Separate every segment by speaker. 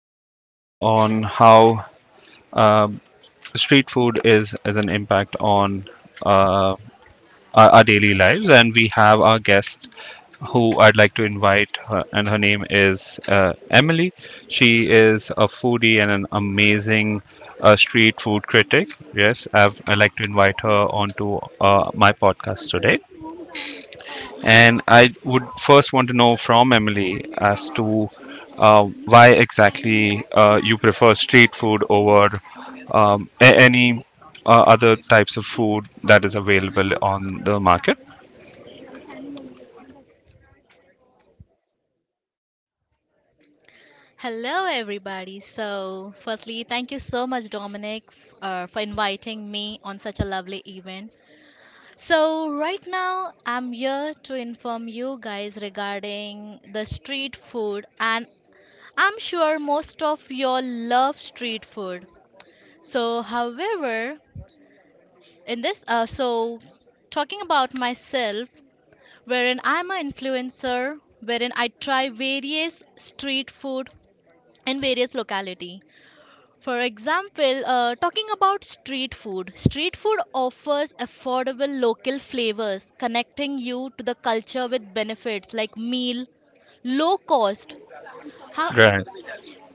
Speaker 1: podcast on how street food is as an impact on uh, our daily lives, and we have our guest who I'd like to invite, her, and her name is Emily. She is a foodie and an amazing street food critic. Yes, I'd like to invite her onto my podcast today. And I would first want to know from Emily as to why exactly you prefer street food over any other types of food that is available on the market.
Speaker 2: Hello, everybody. So, firstly, thank you so much, Dominic, for inviting me on such a lovely event. So, right now, I'm here to inform you guys regarding the street food, and I'm sure most of you love street food. So, however, in this, so talking about myself, wherein I'm an influencer, wherein I try various street food in various locality. For example, talking about street food offers affordable local flavors, connecting you to the culture with benefits like meal, low cost. How,
Speaker 1: Right.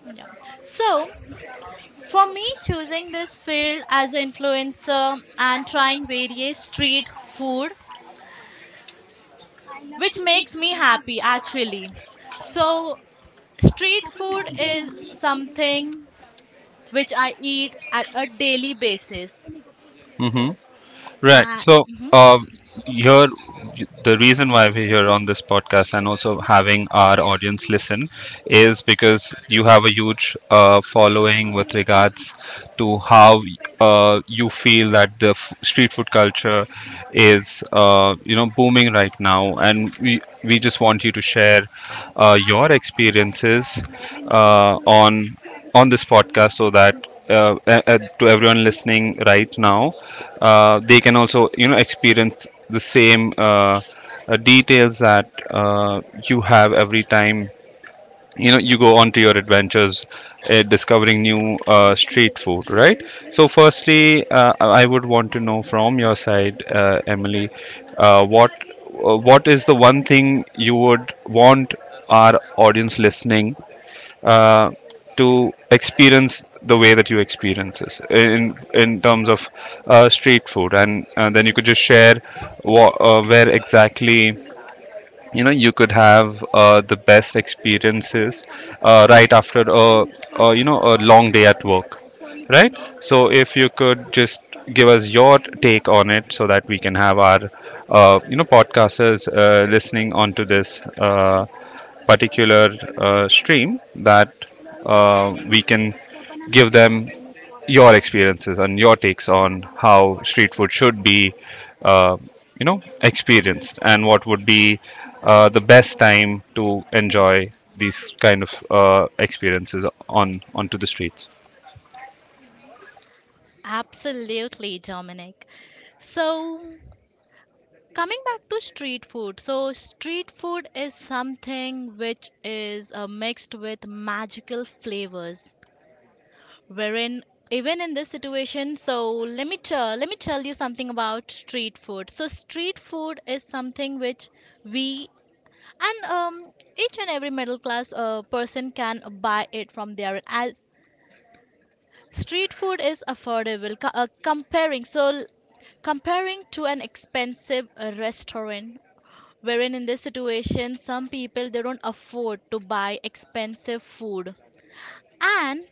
Speaker 2: yeah. So, for me, choosing this field as an influencer and trying various street food, which makes me happy actually. So, street food is something which I eat at a daily basis.
Speaker 1: Mm-hmm. Right.
Speaker 2: Uh,
Speaker 1: So,
Speaker 2: mhm.
Speaker 1: uh, here, the reason why we're here on this podcast and also having our audience listen is because you have a huge following with regards to how you feel that street food culture is, booming right now, and we just want you to share your experiences uh, on on this podcast so that to everyone listening right now, they can also experience the same details that you have every time you go on to your adventures discovering new street food, right? So firstly, I would want to know from your side, Emily, uh, what what is the one thing you would want our audience listening uh, to experience the way that you experience this in terms of street food, and then you could just share where exactly you could have the best experiences right after a a long day at work, right? So if you could just give us your take on it so that we can have our podcasters listening onto this particular stream that we can give them your experiences and your takes on how street food should be, uh, experienced, and what would be the best time to enjoy these kind of experiences on onto the streets.
Speaker 2: Absolutely, Dominic. So, coming back to street food, so street food is something which is mixed with magical flavors. Wherein, even in this situation, so let me tell you something about street food. So street food is something which we and each and every middle class person can buy it from there. As street food is affordable, comparing, so comparing to an expensive restaurant, wherein in this situation some people they don't afford to buy expensive food, and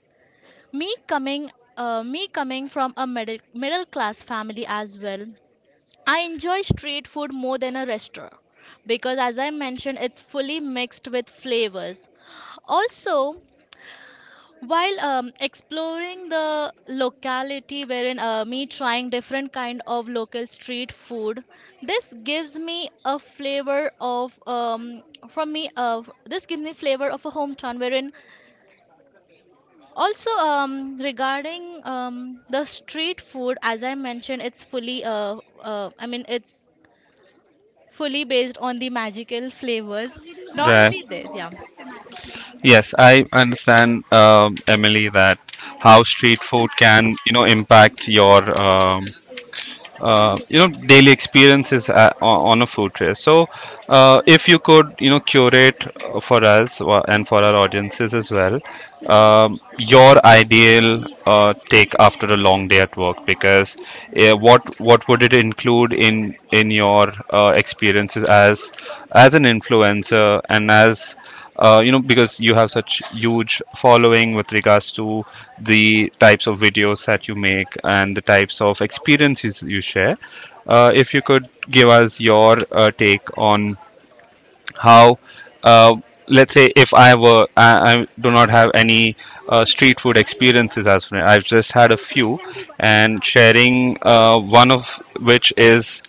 Speaker 2: me coming me coming from a middle class family as well. I enjoy street food more than a restaurant because as I mentioned, it's fully mixed with flavors. Also, while exploring the locality, wherein me trying different kind of local street food, this gives me a flavor of from me of this gives me flavor of a hometown. Wherein also regarding the street food, as I mentioned, it's fully, it's fully based on the magical flavors. Not
Speaker 1: Right.
Speaker 2: only this, yeah.
Speaker 1: Yes, I understand, Emily, that how street food can, impact your daily experiences on a food tray. So if you could curate for us and for our audiences as well, your ideal take after a long day at work, because what would it include in your experiences as an influencer and as, because you have such huge following with regards to the types of videos that you make and the types of experiences you share. If you could give us your take on how, uh, let's say if I were I do not have any street food experiences as of now. I've just had a few and sharing one of which is,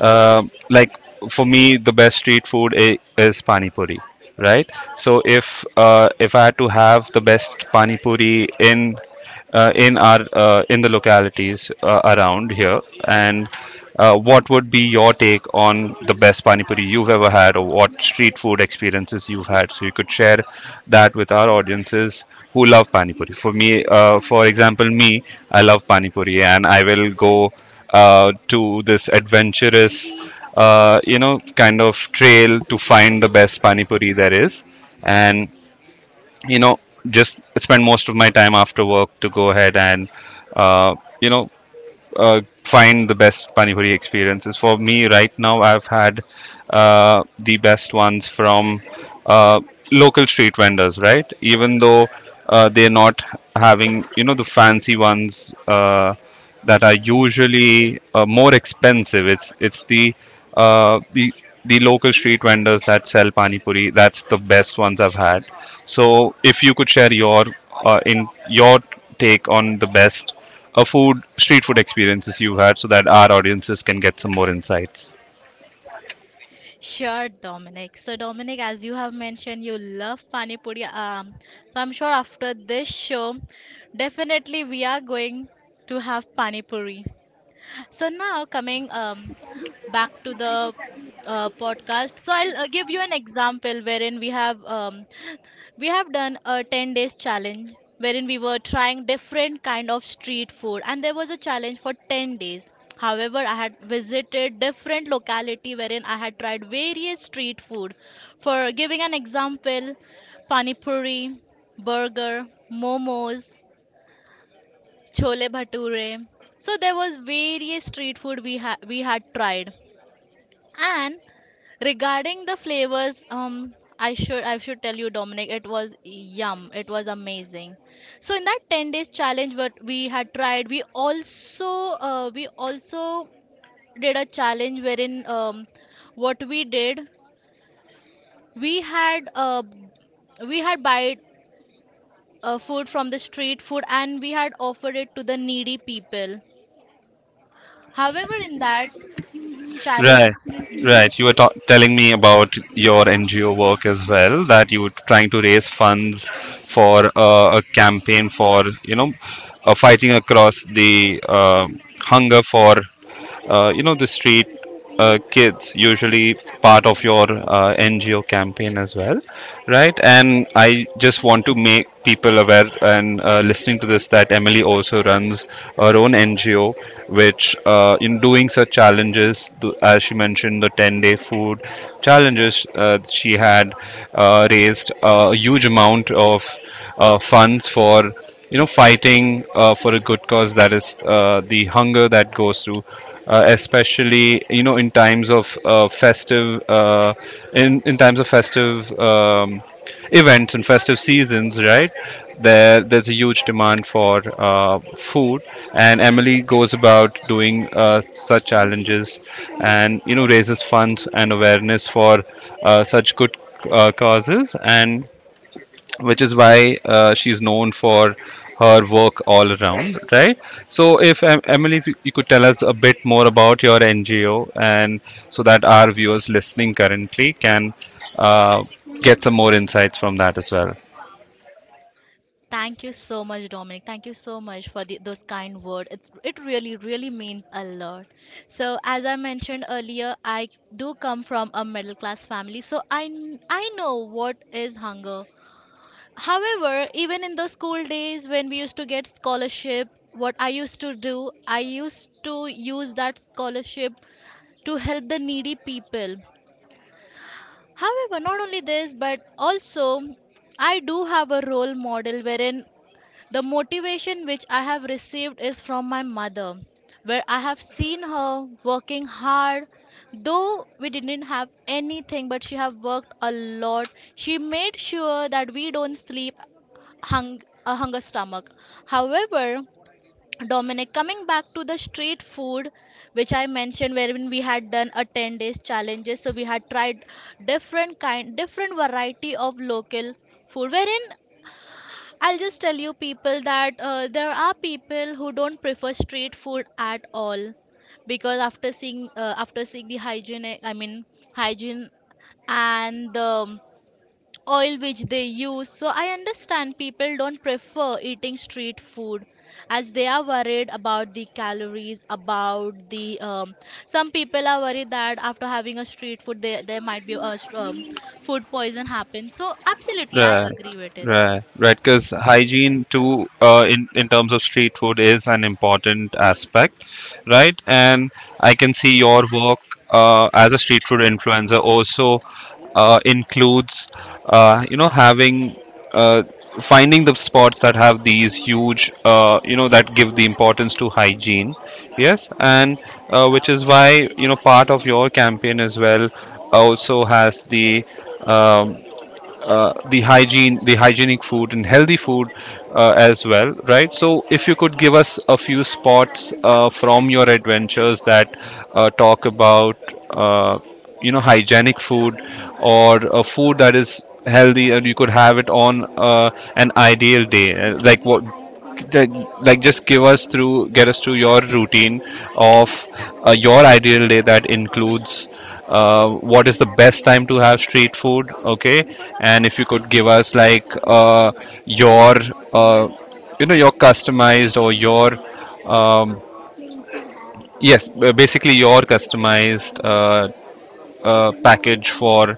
Speaker 1: uh, like, for me the best street food is pani puri, right? So if, if I had to have the best pani puri in, in our in the localities around here, and what would be your take on the best pani puri you've ever had, or what street food experiences you've had, so you could share that with our audiences who love pani puri. For me, for example, me, I love pani puri, and I will go to this adventurous kind of trail to find the best pani puri there is, and you know just spend most of my time after work to go ahead and uh, you know find the best pani puri experiences. For me, right now, I've had the best ones from uh, local street vendors. Right, even though they're not having the fancy ones that are usually more expensive. It's the, uh, the the local street vendors that sell pani puri. That's the best ones I've had. So if you could share your, in your take on the best, food street food experiences you've had, so that our audiences can get some more insights.
Speaker 2: Sure, Dominic. So, Dominic, as you have mentioned, you love Pani Puri. So, I'm sure after this show, definitely we are going to have Pani Puri. So now coming back to the podcast. So I'll give you an example wherein we have done a 10 days challenge wherein we were trying different kind of street food, and there was a challenge for 10 days. However, I had visited different locality wherein I had tried various street food. For giving an example, pani puri, burger, momos, chole bhature. So there was various street food we had tried. And regarding the flavors, I should tell you, Dominic, it was yum. It was amazing. So in that 10 days challenge, what we had tried, we also did a challenge wherein what we did, we had uh, we had buy food from the street food, and we had offered it to the needy people. However, in that challenge,
Speaker 1: Right,
Speaker 2: hmm,
Speaker 1: right, you were telling me about your NGO work as well, that you were trying to raise funds for, a campaign for, you know fighting across the, hunger for, the street, kids, usually part of your NGO campaign as well, right? And I just want to make people aware and, listening to this, that Emily also runs her own NGO, which, in doing such challenges, as she mentioned, the 10-day food challenges, she had, raised a huge amount of funds for, fighting, for a good cause, that is the hunger that goes through, especially in times of festive uh, in times of festive events and festive seasons, right? There's a huge demand for food, and Emily goes about doing such challenges, and raises funds and awareness for such good causes. And which is why she's known for her work all around, right? So, if Emily, if you could tell us a bit more about your NGO, and so that our viewers listening currently can uh, get some more insights from that as well.
Speaker 2: thank you so much, Dominic. Thank you so much for the, those kind words. It's, it really really means a lot. So as I mentioned earlier, I do come from a middle class family, so I know what is hunger. However, even in the school days when we used to get scholarship, what I used to do, I used to use that scholarship to help the needy people. However, not only this, but also I do have a role model wherein the motivation which I have received is from my mother, where I have seen her working hard. Though we didn't have anything, but she have worked a lot. She made sure that we don't sleep hunger stomach. However, Dominic, coming back to the street food, which I mentioned, wherein we had done a 10 days challenges, so we had tried different kind, different variety of local food, wherein I'll just tell you people that there are people who don't prefer street food at all because after seeing the hygiene, I mean hygiene, and the oil which they use, so I understand people don't prefer eating street food as they are worried about the calories, about the some people are worried that after having a street food, they, there might be a food poison happen. So absolutely I
Speaker 1: Right,
Speaker 2: agree with it.
Speaker 1: right, right. Because hygiene too, in terms of street food, is an important aspect, right? And I can see your work as a street food influencer also includes, having. Uh, Finding the spots that have these huge, that give the importance to hygiene, yes, and which is why, part of your campaign as well, also has the, um, hygiene, the hygienic food and healthy food, as well, right? So, if you could give us a few spots from your adventures that talk about, uh, hygienic food, or a food that is healthy and you could have it on, an ideal day, like what that like just give us through get us through your routine of, your ideal day that includes, what is the best time to have street food, okay? And if you could give us, like, your, uh, your customized, or your, um, yes, basically your customized, package for,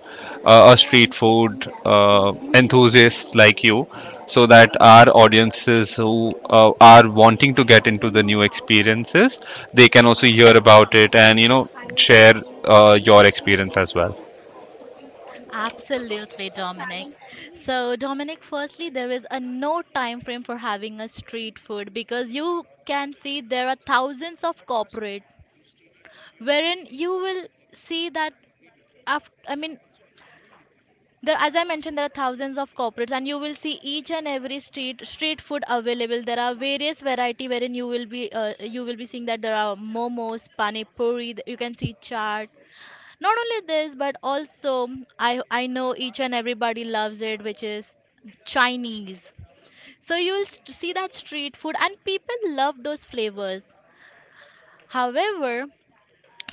Speaker 1: a street food enthusiast like you, so that our audiences who are wanting to get into the new experiences, they can also hear about it and share your experience as well.
Speaker 2: Absolutely, Dominic. So, Dominic, firstly, there is a no time frame for having a street food because you can see there are thousands of corporate, wherein you will see that after, I mean, there, as I mentioned, there are thousands of corporates, and you will see each and every street food available. There are various variety wherein you will be seeing that there are momos, pani puri. You can see chaat, not only this but also I know each and everybody loves it, which is Chinese. So you'll see that street food and people love those flavors. However,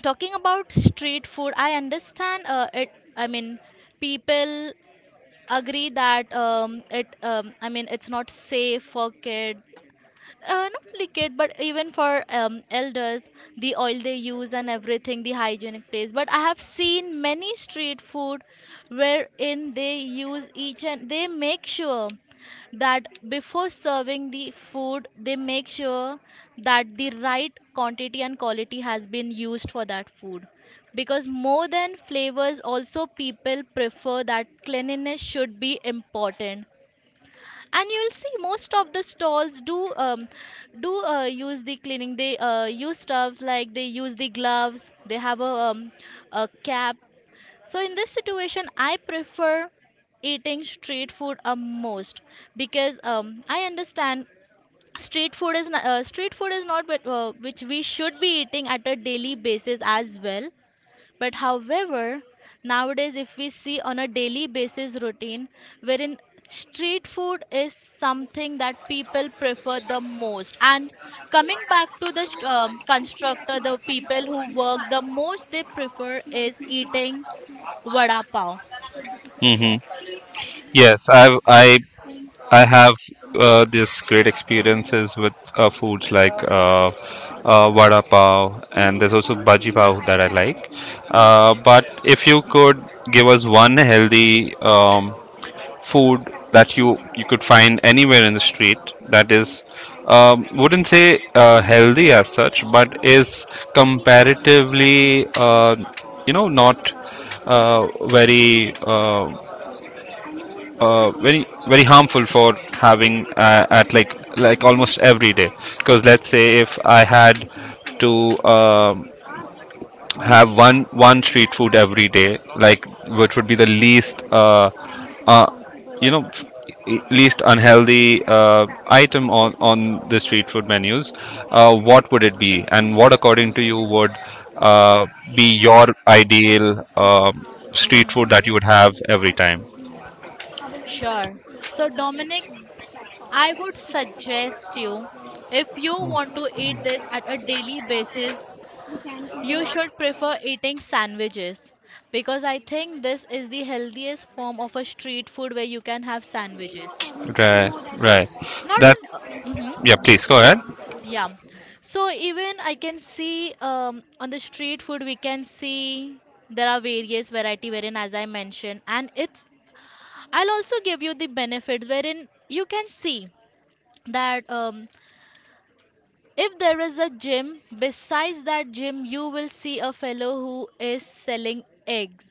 Speaker 2: talking about street food, I understand it I mean people agree that it I mean it's not safe for kids, not only kid but even for elders, the oil they use and everything, the hygienic place. But I have seen many street food wherein they use each and they make sure that before serving the food they make sure that the right quantity and quality has been used for that food, because more than flavors also people prefer that cleanliness should be important. And you'll see most of the stalls do use the cleaning, they use stuffs like they use the gloves, they have a cap. So in this situation I prefer eating street food a most because I understand street food is not what which we should be eating at a daily basis as well. But however, nowadays if we see on a daily basis routine wherein street food is something that people prefer the most. And coming back to the constructor, the people who work the most, they prefer is eating vada pav.
Speaker 1: Mm-hmm. Yes, I have this great experiences with foods like, vada pav, and there's also bhaji pav that I like. But if you could give us one healthy, food that you could find anywhere in the street, that is, wouldn't say healthy as such, but is comparatively, not very, uh, very very harmful for having, at like almost every day. Because let's say if I had to, um, have one street food every day, like, which would be the least, uh, you know f- least unhealthy item on the street food menus, what would it be, and what according to you would, uh, be your ideal, um street
Speaker 2: Hmm,
Speaker 1: food that you
Speaker 2: yes.
Speaker 1: would have every time.
Speaker 2: Sure. So, Dominic, I would suggest you, if you want to eat this at a daily basis, you should prefer eating sandwiches because I think this is the healthiest form of a street food where you can have sandwiches.
Speaker 1: Right, right.
Speaker 2: Not
Speaker 1: That's
Speaker 2: on, hmm,
Speaker 1: Yeah. Please go ahead.
Speaker 2: yeah. So even I can see on the street food we can see there are various variety wherein as I mentioned, and it's, I'll also give you the benefits wherein you can see that if there is a gym, besides that gym you will see a fellow who is selling eggs.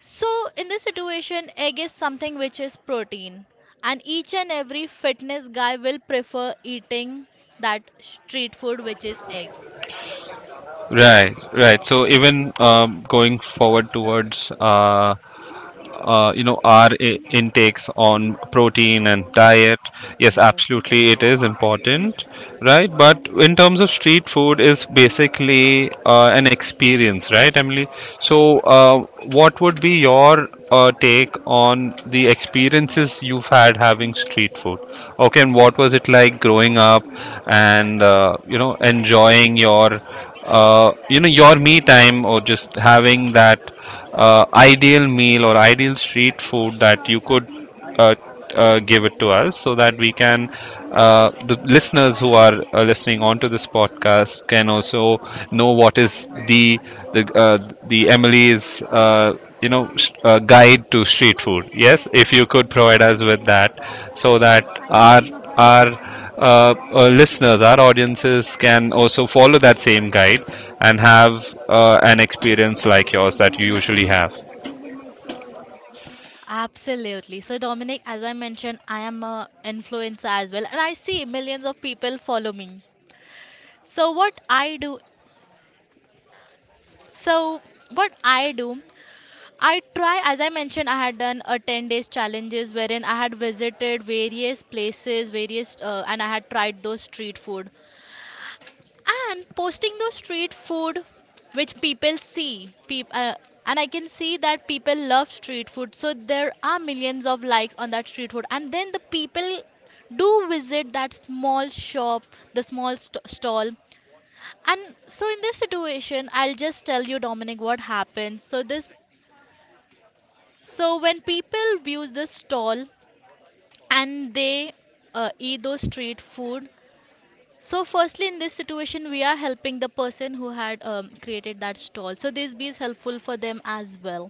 Speaker 2: So, in this situation, egg is something which is protein, and each and every fitness guy will prefer eating that street food which is egg.
Speaker 1: Right, right. So even, going forward towards, our intakes on protein and diet, yes, absolutely it is important, right? But in terms of street food, is basically an experience, right, Emily? So what would be your take on the experiences you've had having street food, okay? And what was it like growing up, and enjoying your, me time, or just having that, ideal meal, or ideal street food that you could, uh, give it to us, so that we can the listeners, who are listening onto this podcast, can also know what is the, the uh, Emily's, guide to street food. Yes, if you could provide us with that, so that our our our audiences can also follow that same guide, and have an experience like yours that you usually have.
Speaker 2: Absolutely. So, Dominic, as I mentioned, I am a influencer as well, and I see millions of people follow me. So, so what I do, I try, as I mentioned, I had done a 10 days challenges wherein I had visited various places, and I had tried those street food. And posting those street food which people see and I can see that people love street food, so there are millions of likes on that street food, and then the people do visit that small shop, stall. And so in this situation, I'll just tell you, Dominic, what happens. So this, so when people view this stall and they eat those street food. So, firstly, in this situation, we are helping the person who had created that stall. So, this be is helpful for them as well.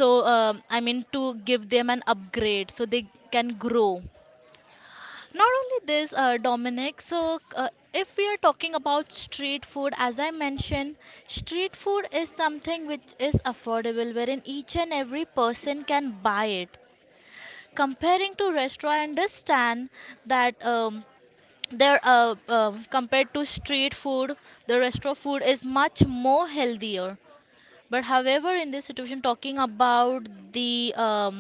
Speaker 2: So, to give them an upgrade so they can grow. Not only this, Dominic, so if we are talking about street food, as I mentioned, street food is something which is affordable, wherein each and every person can buy it. Comparing to restaurant, I understand that there compared to street food, the restaurant food is much more healthier. But however, in this situation, talking about the um,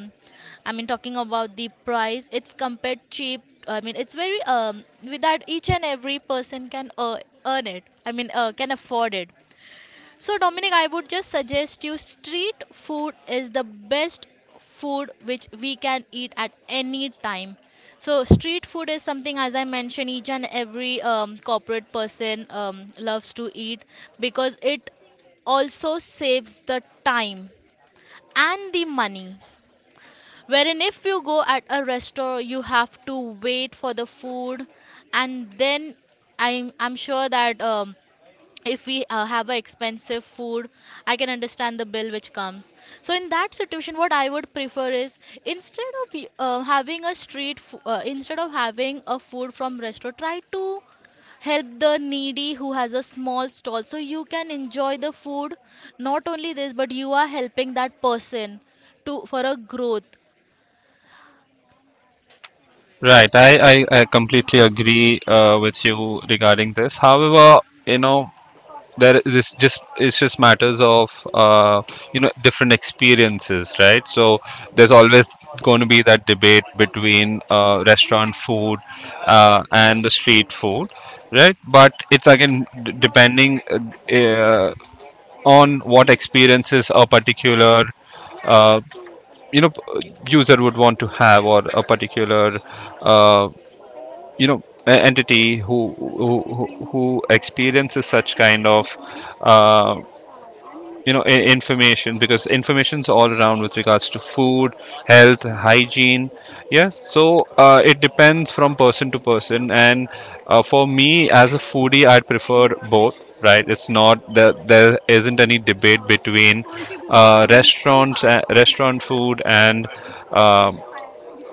Speaker 2: i mean talking about the price, it's compared cheap. I mean, it's very, with that each and every person can earn it I mean can afford it. So, Dominic, I would just suggest you, street food is the best food which we can eat at any time. So, street food is something, as I mentioned, each and every corporate person loves to eat because it also saves the time and the money. Wherein, if you go at a restaurant, you have to wait for the food, and then I'm sure that if we have a expensive food, I can understand the bill which comes. So in that situation, what I would prefer is, instead of y- having a street fo- instead of having a food from resto, try to help the needy who has a small stall, so you can enjoy the food. Not only this, but you are helping that person to for a growth.
Speaker 1: Right, I completely agree with you regarding this. However, you know, there is this just it's just matters of, different experiences, right? So there's always going to be that debate between, restaurant food, and the street food, right? But it's again depending uh, on what experiences a particular uh, user would want to have, or a particular uh, entity who experiences such kind of uh, information, because information's all around with regards to food, health, hygiene. Yes, so it depends from person to person, and for me, as a foodie, I'd prefer both. Right, it's not that there isn't any debate between restaurant food and um,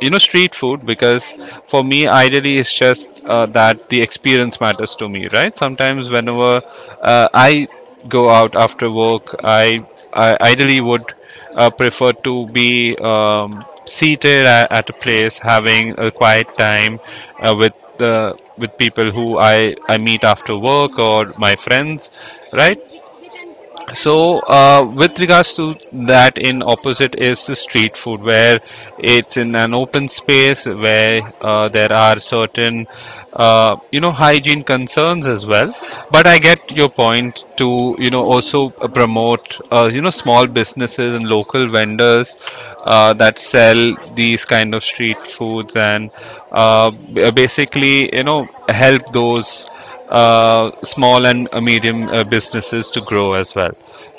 Speaker 1: you know, street food, because for me ideally it's just that the experience matters to me, right? Sometimes, whenever I go out after work I ideally would prefer to be seated at a place, having a quiet time with the with people who I meet after work, or my friends, right? So with regards to that, in opposite is the street food, where it's in an open space, where there are certain you know, hygiene concerns as well. But I get your point to, you know, also promote, you know, small businesses and local vendors that sell these kind of street foods, and basically, you know, help those small and medium businesses to grow as well.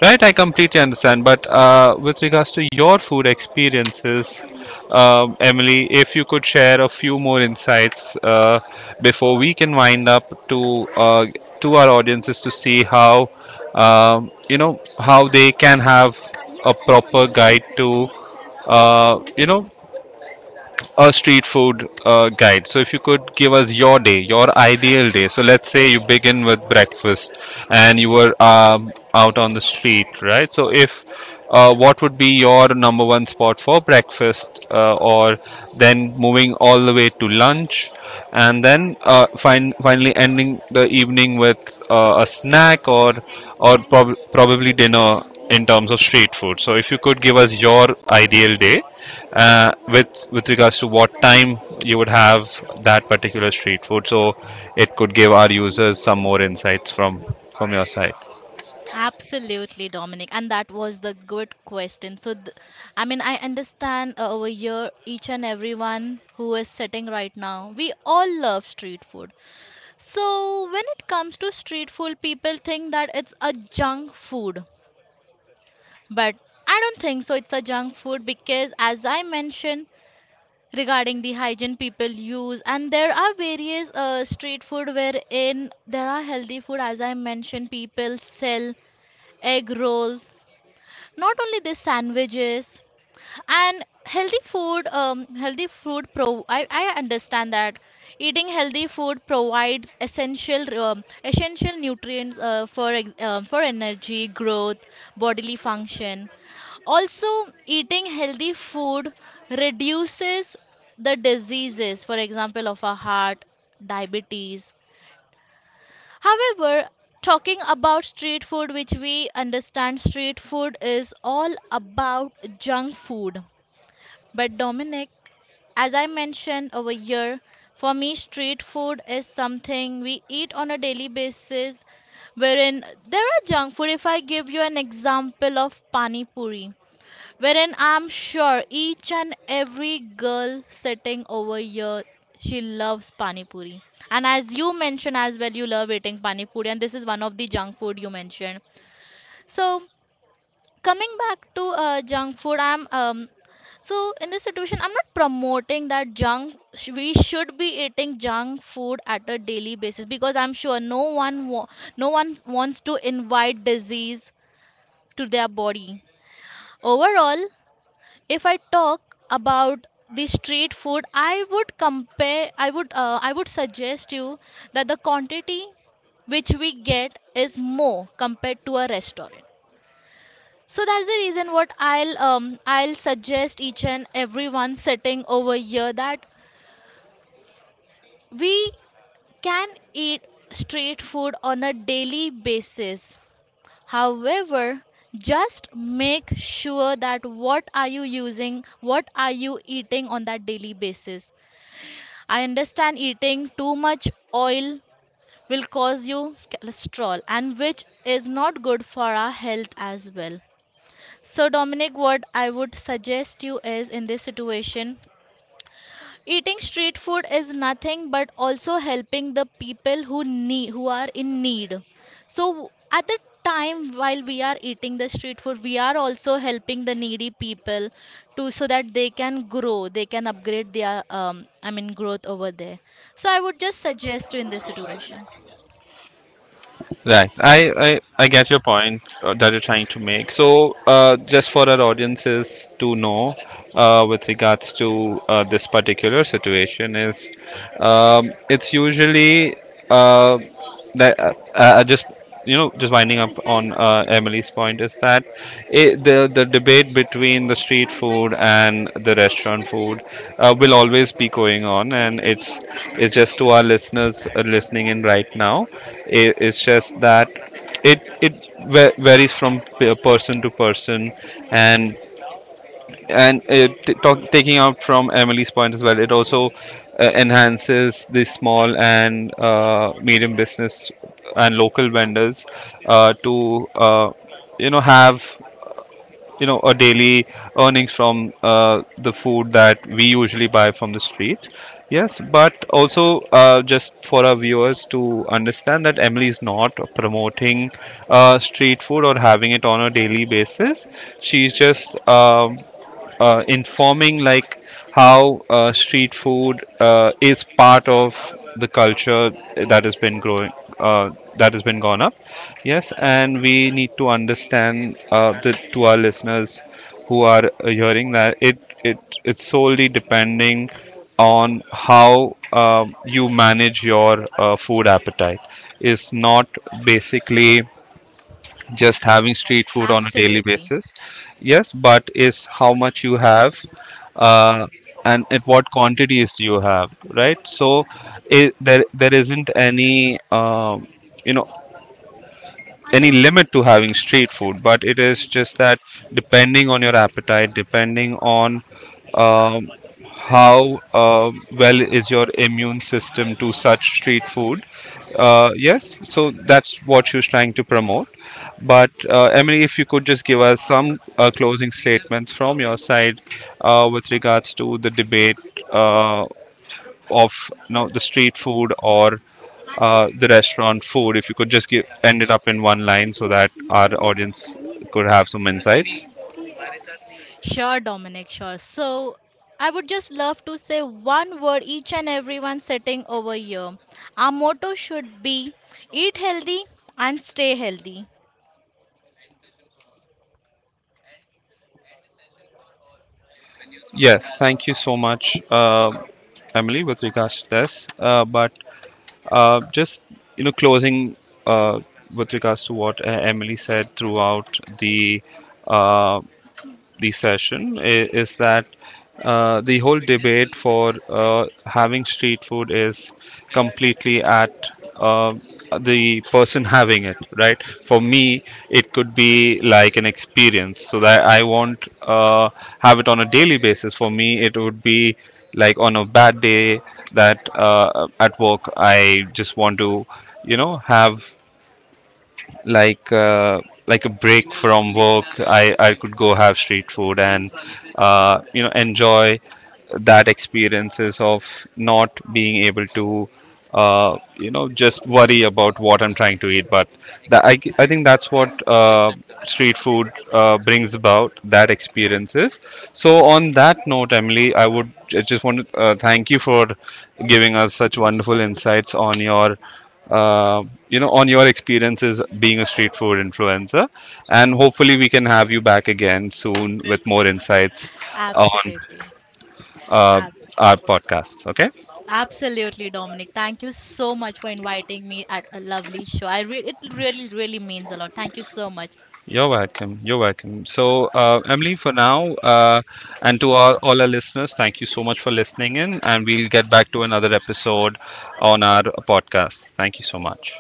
Speaker 1: Right, I completely understand. But with regards to your food experiences, Emily, if you could share a few more insights before we can wind up, to our audiences, to see how you know, how they can have a proper guide to you know, a street food guide. So if you could give us your day, your ideal day. So let's say you begin with breakfast and you were out on the street, right? So, if what would be your number one spot for breakfast, or then moving all the way to lunch, and then finally ending the evening with a snack, or or probably dinner, in terms of street food. So if you could give us your ideal day with regards to what time you would have that particular street food, so it could give our users some more insights from your side.
Speaker 2: Absolutely, Dominic, and that was the good question. So, I understand over here each and everyone who is sitting right now. We all love street food. So, when it comes to street food, people think that it's a junk food, but I don't think so. It's a junk food because, as I mentioned, regarding the hygiene people use, and there are various street food wherein there are healthy food. As I mentioned, people sell egg rolls, not only this sandwiches, and healthy food, healthy food pro I understand that eating healthy food provides essential essential nutrients for energy growth, bodily function. Also, eating healthy food reduces the diseases, for example of our heart, diabetes. However, talking about street food, which we understand street food is all about junk food. But Dominic, as I mentioned over here, for me, street food is something we eat on a daily basis, wherein there are junk food. If I give you an example of pani puri, wherein I'm sure each and every girl sitting over here, she loves pani puri. And as you mentioned as well, you love eating pani puri, and this is one of the junk food you mentioned. So coming back to junk food, I'm so in this situation, I'm not promoting that junk. We should be eating junk food at a daily basis, because I'm sure no one wants to invite disease to their body. Overall, if I talk about the street food, I would compare I would I would suggest you that the quantity which we get is more compared to a restaurant. So that's the reason what I'll suggest each and everyone sitting over here, that we can eat street food on a daily basis. However, just make sure that what are you using, what are you eating on that daily basis. I understand eating too much oil will cause you cholesterol, and which is not good for our health as well. So Dominic, what I would suggest you is, in this situation, eating street food is nothing but also helping the people who need, who are in need. So at the time while we are eating the street food, we are also helping the needy people to, so that they can grow, they can upgrade their growth over there. So I would just suggest you in this situation.
Speaker 1: Right. I get your point that you're trying to make. So, just for our audiences to know, with regards to this particular situation, is it's usually uh, that I just you know, just winding up on Emily's point, is that the debate between the street food and the restaurant food will always be going on, and it's just to our listeners listening in right now, it's just that it varies from person to person. and and taking out from Emily's point as well, it also enhances the small and medium business and local vendors to you know, have, you know, a daily earnings from the food that we usually buy from the street. Yes, but also just for our viewers to understand that Emily is not promoting street food or having it on a daily basis. She's just informing like how street food is part of the culture that has been growing, uh, that has been gone up. Yes, and we need to understand, to our listeners who are hearing, that it it's solely depending on how you manage your food appetite. Is not basically just having street food on a daily
Speaker 2: Absolutely.
Speaker 1: basis. Yes, but is how much you have uh, and at what quantities do you have, right? So there there isn't any you know, any limit to having street food, but it is just that, depending on your appetite, depending on um, how well is your immune system to such street food. Yes, so that's what she was trying to promote. But Emily, if you could just give us some closing statements from your side with regards to the debate uh, of you know, the street food or the restaurant food, if you could just give, end it up in one line, so that our audience could have some insights.
Speaker 2: Sure, Dominic, sure. So I would just love to say one word each and everyone sitting over here. Our motto should be eat healthy and stay healthy.
Speaker 1: Yes, thank you so much, Emily, with regards to this, but just, you know, closing uh, with regards to what Emily said throughout uh, the session, is that the whole debate for uh, having street food is completely at uh, the person having it, right? For me, it could be like an experience, so that I won't have it on a daily basis. For me, it would be like on a bad day, that at work I just want to, you know, have like uh, like a break from work. I could go have street food and you know, enjoy that experiences of not being able to you know, just worry about what I'm trying to eat. But that, I think that's what street food brings about, that experiences. So on that note, Emily, I just want to thank you for giving us such wonderful insights on your uh, you know, on your experiences being a street food influencer. And hopefully, we can have you back again soon with more insights on
Speaker 2: Absolutely.
Speaker 1: uh,
Speaker 2: Abs-
Speaker 1: our podcasts. Okay.
Speaker 2: Absolutely, Dominic. Thank you so much for inviting me at a lovely show. It really, really means a lot. Thank you so much.
Speaker 1: You're welcome. You're welcome. So, Emily, for now, and to all our listeners, thank you so much for listening in. And we'll get back to another episode on our podcast. Thank you so much.